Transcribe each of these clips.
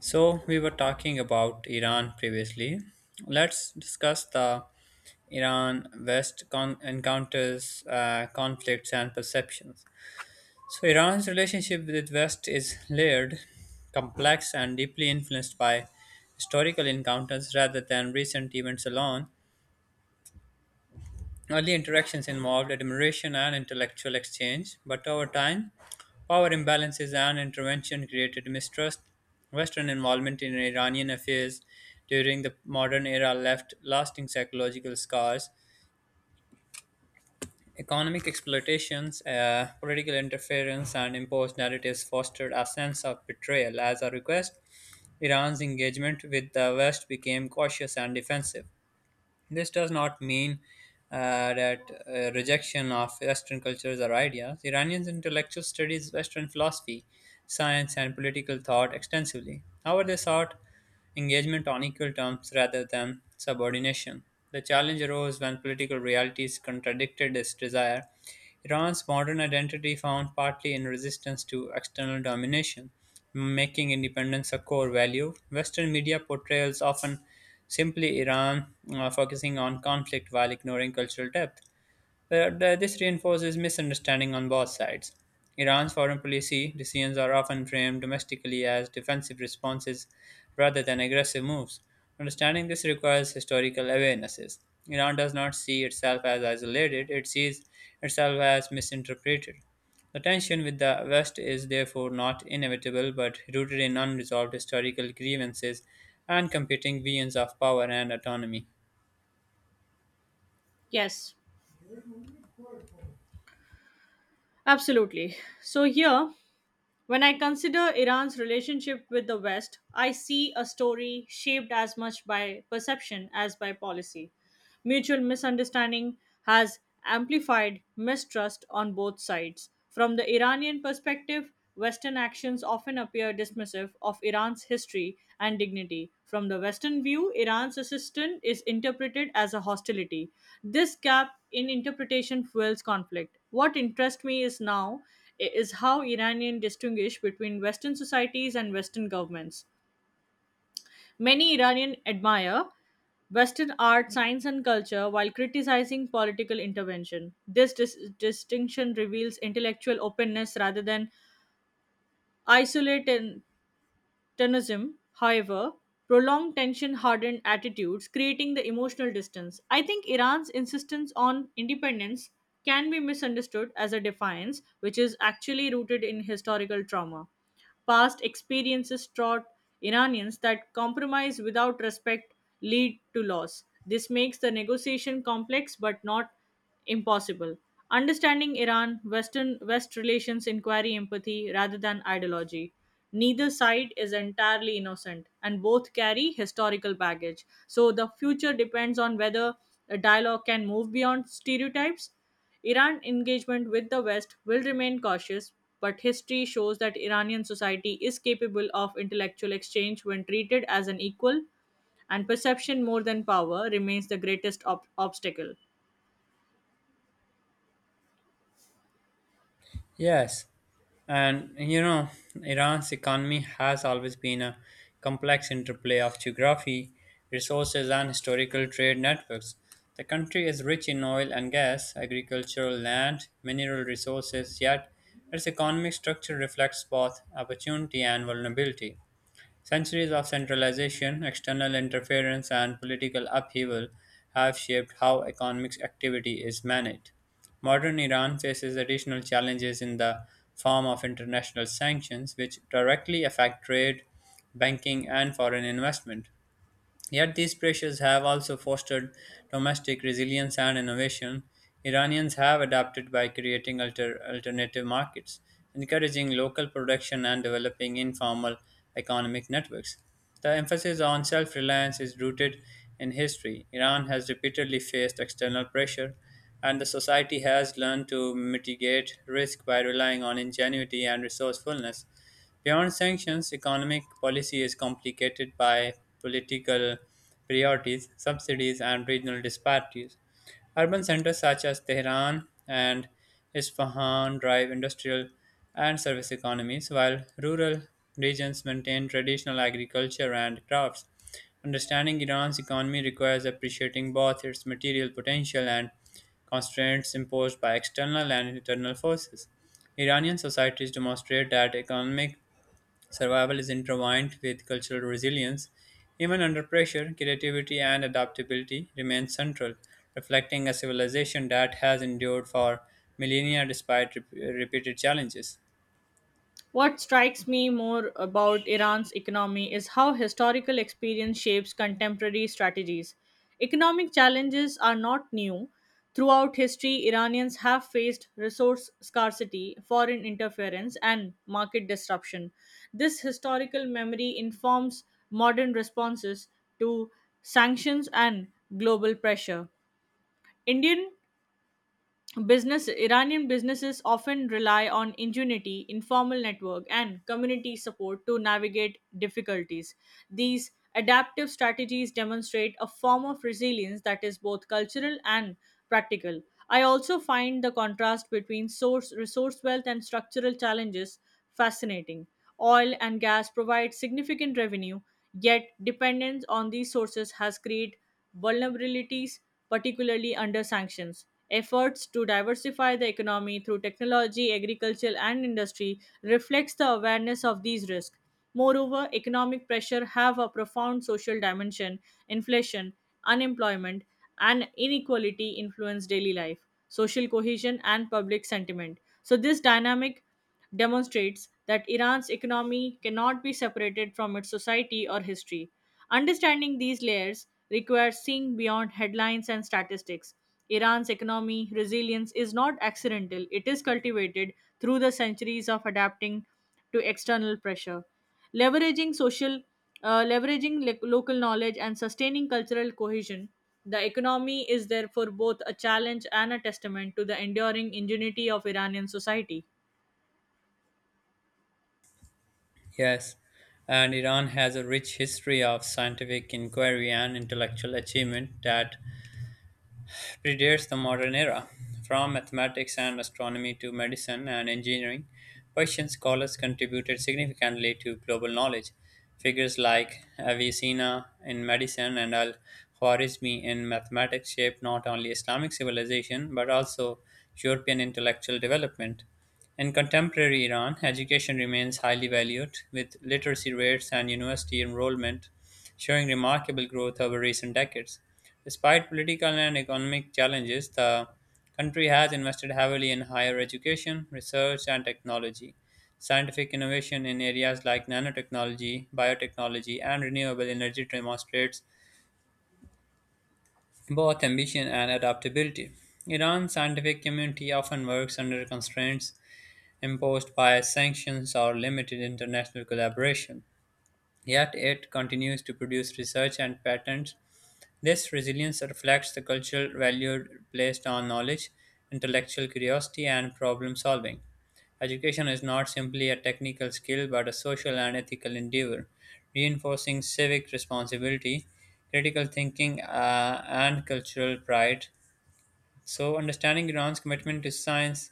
So, we were talking about Iran previously. Let's discuss the Iran West encounters, conflicts, and perceptions. So, Iran's relationship with West is layered, complex, and deeply influenced by historical encounters rather than recent events alone. Early interactions involved admiration and intellectual exchange, but over time, power imbalances and intervention created mistrust. Western involvement in Iranian affairs during the modern era left lasting psychological scars. Economic exploitations, political interference, and imposed narratives fostered a sense of betrayal. As a request, Iran's engagement with the West became cautious and defensive. This does not mean that rejection of Western cultures or ideas. Iranian intellectuals studied Western philosophy, science, and political thought extensively. However, they sought engagement on equal terms rather than subordination. The challenge arose when political realities contradicted this desire. Iran's modern identity found partly in resistance to external domination making independence a core value. Western media portrayals often simply Iran focusing on conflict while ignoring cultural depth. This reinforces misunderstanding on both sides. Iran's foreign policy decisions are often framed domestically as defensive responses rather than aggressive moves. Understanding this requires historical awarenesses. Iran does not see itself as isolated, it sees itself as misinterpreted. The tension with the West is therefore not inevitable but rooted in unresolved historical grievances and competing visions of power and autonomy. Yes, absolutely. So, here, when I consider Iran's relationship with the West, I see a story shaped as much by perception as by policy. Mutual misunderstanding has amplified mistrust on both sides. From the Iranian perspective, Western actions often appear dismissive of Iran's history and dignity. From the Western view, Iran's assistance is interpreted as a hostility. This gap in interpretation fuels conflict. What interests me is now is how Iranians distinguish between Western societies and Western governments. Many Iranians admire Western art, science, and culture while criticizing political intervention. This distinction reveals intellectual openness rather than isolated Tennism, however, prolonged tension hardened attitudes, creating the emotional distance. I think Iran's insistence on independence can be misunderstood as a defiance, which is actually rooted in historical trauma. Past experiences taught Iranians that compromise without respect lead to loss. This makes the negotiation complex but not impossible. Understanding Iran, Western West relations inquiry empathy rather than ideology. Neither side is entirely innocent, and both carry historical baggage. So the future depends on whether a dialogue can move beyond stereotypes. Iran engagement with the West will remain cautious, but history shows that Iranian society is capable of intellectual exchange when treated as an equal, and perception more than power remains the greatest obstacle. Yes. And you know, Iran's economy has always been a complex interplay of geography, resources, and historical trade networks. The country is rich in oil and gas, agricultural land, mineral resources, yet its economic structure reflects both opportunity and vulnerability. Centuries of centralization, external interference, and political upheaval have shaped how economic activity is managed. Modern Iran faces additional challenges in the form of international sanctions, which directly affect trade, banking, and foreign investment. Yet these pressures have also fostered domestic resilience and innovation. Iranians have adapted by creating alternative markets, encouraging local production and developing informal economic networks. The emphasis on self reliance is rooted in history. Iran has repeatedly faced external pressure, and the society has learned to mitigate risk by relying on ingenuity and resourcefulness. Beyond sanctions, economic policy is complicated by political priorities, subsidies, and regional disparities. Urban centers such as Tehran and Isfahan drive industrial and service economies, while rural regions maintain traditional agriculture and crafts. Understanding Iran's economy requires appreciating both its material potential and constraints imposed by external and internal forces. Iranian societies demonstrate that economic survival is intertwined with cultural resilience. Even under pressure, creativity and adaptability remain central, reflecting a civilization that has endured for millennia despite repeated challenges. What strikes me more about Iran's economy is how historical experience shapes contemporary strategies. Economic challenges are not new. Throughout history, Iranians have faced resource scarcity, foreign interference, and market disruption. This historical memory informs modern responses to sanctions and global pressure. Indian Business Iranian businesses often rely on ingenuity, informal network, and community support to navigate difficulties. These adaptive strategies demonstrate a form of resilience that is both cultural and practical. I also find the contrast between source resource wealth and structural challenges fascinating. Oil and gas provide significant revenue, yet dependence on these sources has created vulnerabilities, particularly under sanctions. Efforts to diversify the economy through technology, agriculture, and industry reflects the awareness of these risks. Moreover, economic pressure have a profound social dimension. Inflation, unemployment, and inequality influence daily life, social cohesion, and public sentiment. So this dynamic demonstrates that Iran's economy cannot be separated from its society or history. Understanding these layers requires seeing beyond headlines and statistics. Iran's economy resilience is not accidental, it is cultivated through the centuries of adapting to external pressure. Leveraging leveraging local knowledge and sustaining cultural cohesion, the economy is therefore both a challenge and a testament to the enduring ingenuity of Iranian society. Yes, and Iran has a rich history of scientific inquiry and intellectual achievement that predates the modern era. From mathematics and astronomy to medicine and engineering, Persian scholars contributed significantly to global knowledge. Figures like Avicenna in medicine and Al Khwarizmi in mathematics shaped not only Islamic civilization but also European intellectual development. In contemporary Iran, education remains highly valued, with literacy rates and university enrollment showing remarkable growth over recent decades. Despite political and economic challenges, the country has invested heavily in higher education, research, and technology. Scientific innovation in areas like nanotechnology, biotechnology, and renewable energy demonstrates both ambition and adaptability. Iran's scientific community often works under constraints imposed by sanctions or limited international collaboration. Yet it continues to produce research and patents. This resilience reflects the cultural value placed on knowledge, intellectual curiosity, and problem solving. Education is not simply a technical skill but a social and ethical endeavor, reinforcing civic responsibility, critical thinking, and cultural pride. So, understanding Iran's commitment to science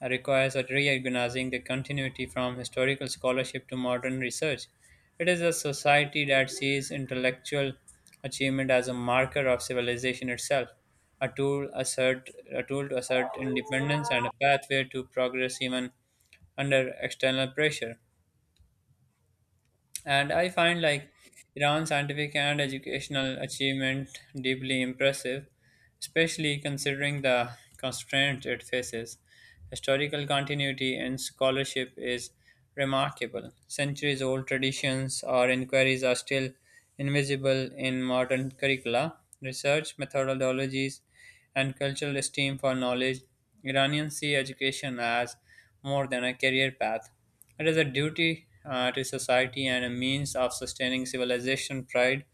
requires recognizing the continuity from historical scholarship to modern research. It is a society that sees intellectual achievement as a marker of civilization itself, a tool, assert, a tool to assert independence and a pathway to progress even under external pressure. And I find like Iran's scientific and educational achievement deeply impressive, especially considering the constraints it faces. Historical continuity in scholarship is remarkable. Centuries old traditions or inquiries are still invisible in modern curricula. Research methodologies and cultural esteem for knowledge, Iranians see education as more than a career path. It is a duty to society and a means of sustaining civilization pride.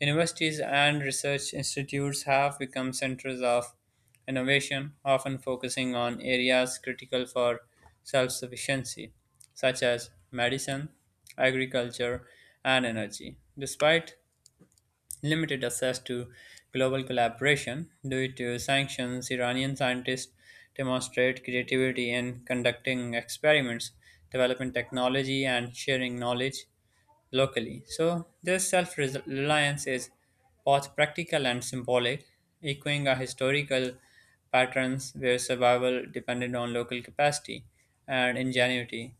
Universities and research institutes have become centers of innovation, often focusing on areas critical for self sufficiency, such as medicine, agriculture, and energy. Despite limited access to global collaboration due to sanctions, Iranian scientists demonstrate creativity in conducting experiments, developing technology, and sharing knowledge locally. So, this self reliance is both practical and symbolic, echoing a historical patterns where survival depended on local capacity and ingenuity.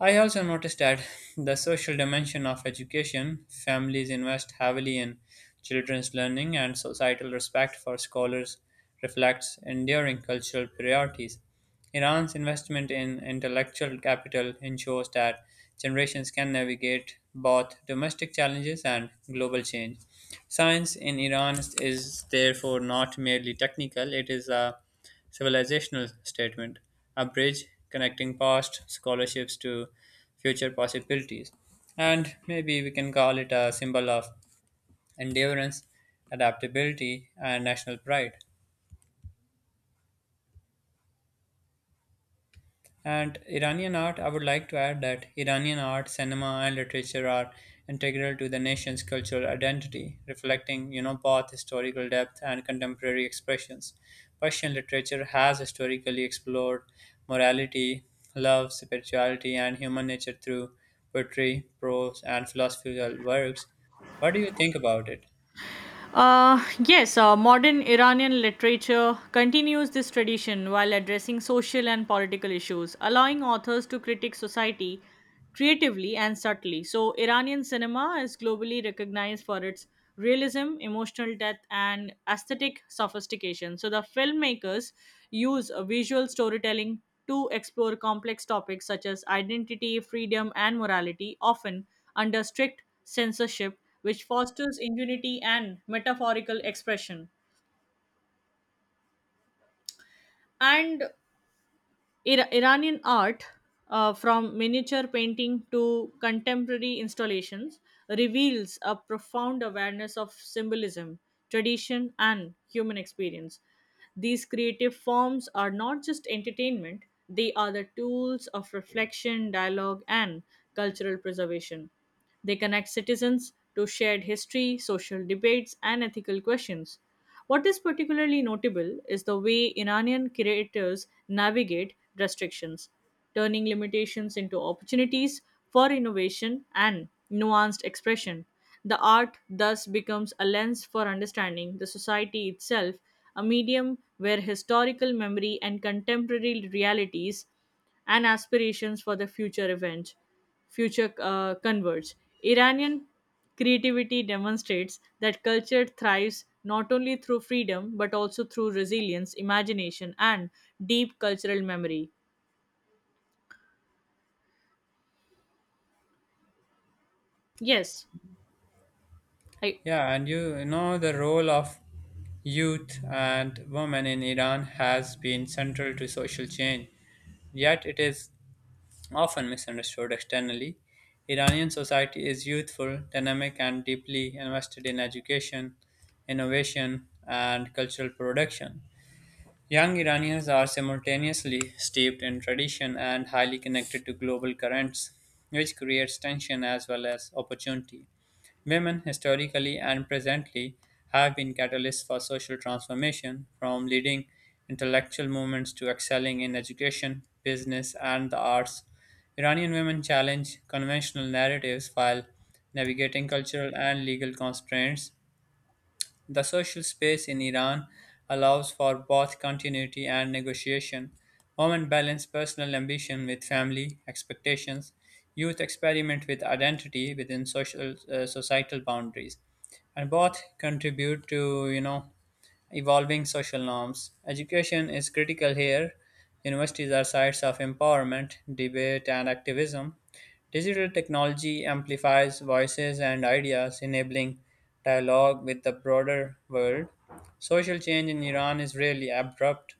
I also noticed that the social dimension of education, families invest heavily in children's learning, and societal respect for scholars reflects enduring cultural priorities. Iran's investment in intellectual capital ensures that generations can navigate both domestic challenges and global change. Science in Iran is therefore not merely technical, it is a civilizational statement, a bridge connecting past scholarships to future possibilities. And maybe we can call it a symbol of endurance, adaptability, and national pride. And Iranian art, I would like to add that Iranian art, cinema, and literature are integral to the nation's cultural identity, reflecting, you know, both historical depth and contemporary expressions. Persian literature has historically explored morality, love, spirituality, and human nature through poetry, prose, and philosophical works. What do you think about it? Uh, yes, modern Iranian literature continues this tradition while addressing social and political issues, allowing authors to critique society creatively and subtly. So, Iranian cinema is globally recognized for its realism, emotional depth, and aesthetic sophistication. So, the filmmakers use visual storytelling to explore complex topics such as identity, freedom, and morality, often under strict censorship which fosters ingenuity and metaphorical expression. And Iranian art, from miniature painting to contemporary installations, reveals a profound awareness of symbolism, tradition, and human experience. These creative forms are not just entertainment, they are the tools of reflection, dialogue, and cultural preservation. They connect citizens to shared history, social debates, and ethical questions. What is particularly notable is the way Iranian creators navigate restrictions, turning limitations into opportunities for innovation and nuanced expression. The art thus becomes a lens for understanding the society itself, a medium where historical memory and contemporary realities and aspirations for the future converge. Iranian Creativity demonstrates that culture thrives not only through freedom but also through resilience, imagination, and deep cultural memory. Yes, I Yeah, and you know the role of youth and women in Iran has been central to social change, yet it is often misunderstood externally. Iranian society is youthful, dynamic, and deeply invested in education, innovation, and cultural production. Young Iranians are simultaneously steeped in tradition and highly connected to global currents, which creates tension as well as opportunity. Women, historically and presently, have been catalysts for social transformation, from leading intellectual movements to excelling in education, business, and the arts. Iranian women challenge conventional narratives while navigating cultural and legal constraints, the social space in Iran allows for both continuity and negotiation. Women balance personal ambition with family expectations. Youth experiment with identity within social societal boundaries, and both contribute to you know evolving social norms. Education is critical here. Universities are sites of empowerment, debate, and activism. Digital technology amplifies voices and ideas, enabling dialogue with the broader world. Social change in Iran is rarely abrupt.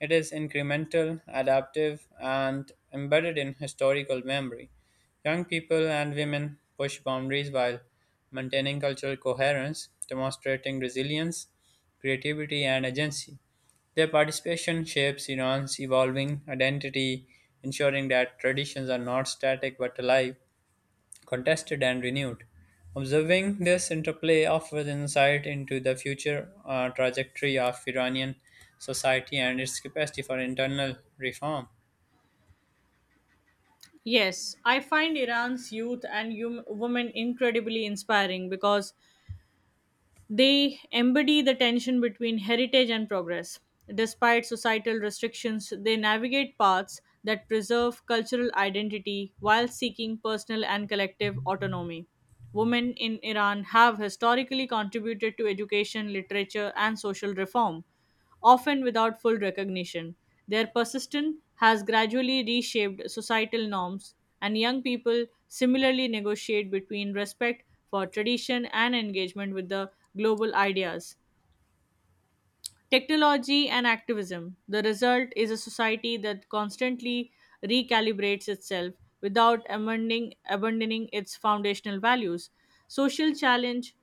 It is incremental, adaptive, and embedded in historical memory. Young people and women push boundaries while maintaining cultural coherence, demonstrating resilience, creativity, and agency. Their participation shapes Iran's evolving identity, ensuring that traditions are not static but alive, contested, and renewed. Observing this interplay offers insight into the future trajectory of Iranian society and its capacity for internal reform. yes, I find Iran's youth and women incredibly inspiring because they embody the tension between heritage and progress. Despite societal restrictions, they navigate paths that preserve cultural identity while seeking personal and collective autonomy. Women in Iran have historically contributed to education, literature, and social reform often without full recognition. Their persistence has gradually reshaped societal norms, and young people similarly negotiate between respect for tradition and engagement with the global ideas. Technology and activism. The result is a society that constantly recalibrates itself without abandoning its foundational values. Social challenge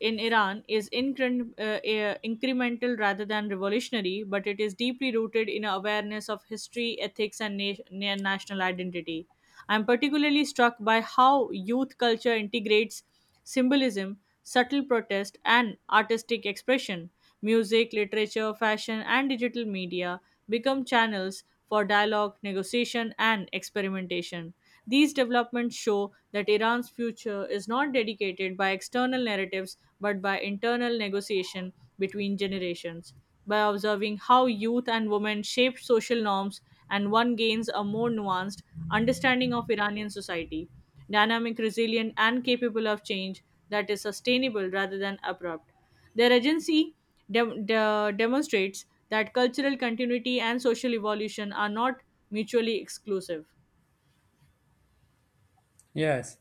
in Iran is incremental rather than revolutionary, but it is deeply rooted in awareness of history, ethics, and national identity. I'm particularly struck by how youth culture integrates symbolism, subtle protest, and artistic expression. Music, literature, fashion, and digital media become channels for dialogue, negotiation, and experimentation. These developments show that Iran's future is not dedicated by external narratives but by internal negotiation between generations. By observing how youth and women shape social norms, and one gains a more nuanced understanding of Iranian society, dynamic, resilient, and capable of change that is sustainable rather than abrupt. Their agency demonstrates that cultural continuity and social evolution are not mutually exclusive. Yes.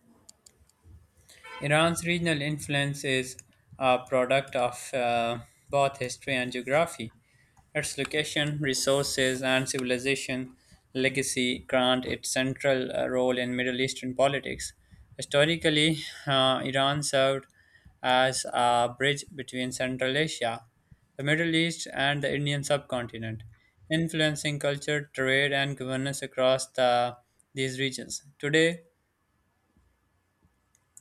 Iran's regional influence is a product of both history and geography. Its location, resources, and civilization legacy grant it central role in Middle Eastern politics. Historically, Iran served as a bridge between Central Asia, the Middle East, and the Indian subcontinent, influencing culture, trade, and governance across these regions. Today,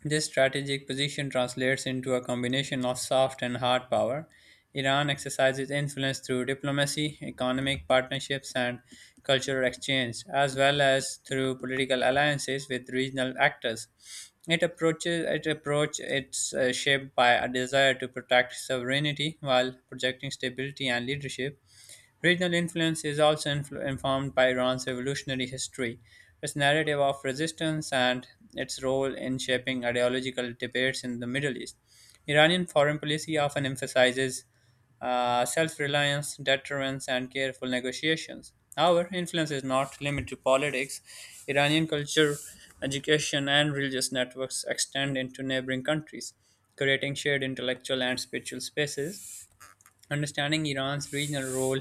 this strategic position translates into a combination of soft and hard power. Iran exercises influence through diplomacy, economic partnerships, and cultural exchange, as well as through political alliances with regional actors. It approaches it approach it's shaped by a desire to protect sovereignty while projecting stability and leadership. Regional influence is also informed by Iran's revolutionary history, its narrative of resistance, and its role in shaping ideological debates in the Middle East. Iranian foreign policy often emphasizes self reliance, deterrence, and careful negotiations. However, influence is not limited to politics. Iranian culture, education, and religious networks extend into neighboring countries, creating shared intellectual and spiritual spaces. Understanding Iran's regional role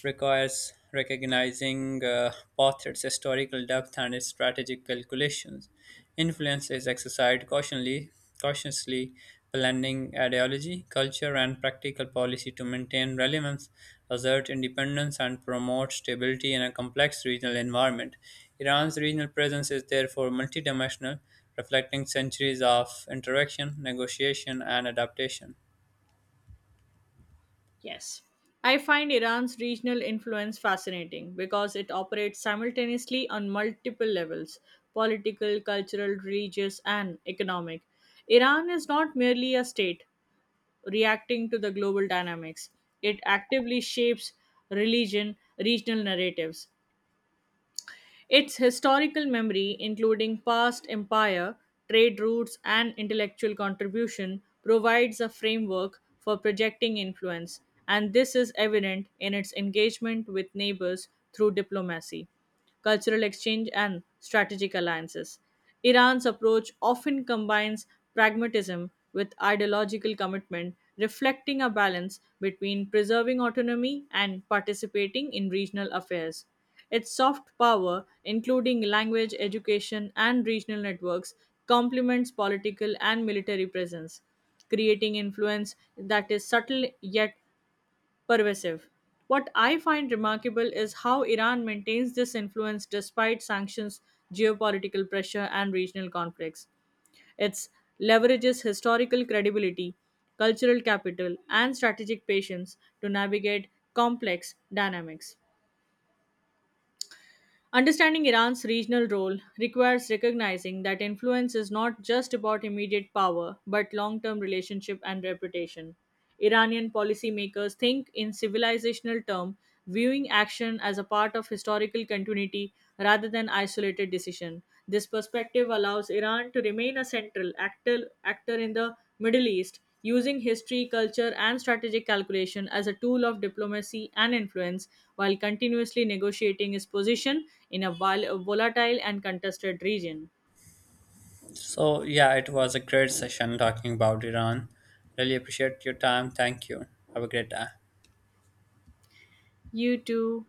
requires recognizing both its historical depth and its strategic calculations. Influence is exercised cautiously blending ideology, culture, and practical policy to maintain relevance, assert independence, and promote stability in a complex regional environment. Iran's regional presence is therefore multidimensional, reflecting centuries of interaction, negotiation, and adaptation. Yes. I find Iran's regional influence fascinating because it operates simultaneously on multiple levels political, cultural, religious, and economic. Iran is not merely a state reacting to the global dynamics, it actively shapes religion, regional narratives, its historical memory, including past empire, trade routes, and intellectual contribution, provides a framework for projecting influence, and this is evident in its engagement with neighbors through diplomacy, cultural exchange, and strategic alliances. Iran's approach often combines pragmatism with ideological commitment, reflecting a balance between preserving autonomy and participating in regional affairs. Its soft power, including language, education, and regional networks, complements political and military presence, creating influence that is subtle yet pervasive. What I find remarkable is how Iran maintains this influence despite sanctions, geopolitical pressure, and regional conflicts. It leverages historical credibility, cultural capital, and strategic patience to navigate complex dynamics. Understanding Iran's regional role requires recognizing that influence is not just about immediate power, but long term relationship and reputation. Iranian policymakers think in civilizational terms, viewing action as a part of historical continuity rather than isolated decision. This perspective allows Iran to remain a central actor in the Middle East, using history, culture, and strategic calculation as a tool of diplomacy and influence, while continuously negotiating its position in a volatile and contested region. So, yeah, it was a great session talking about Iran. Really appreciate your time. Thank you. Have a great day. You too.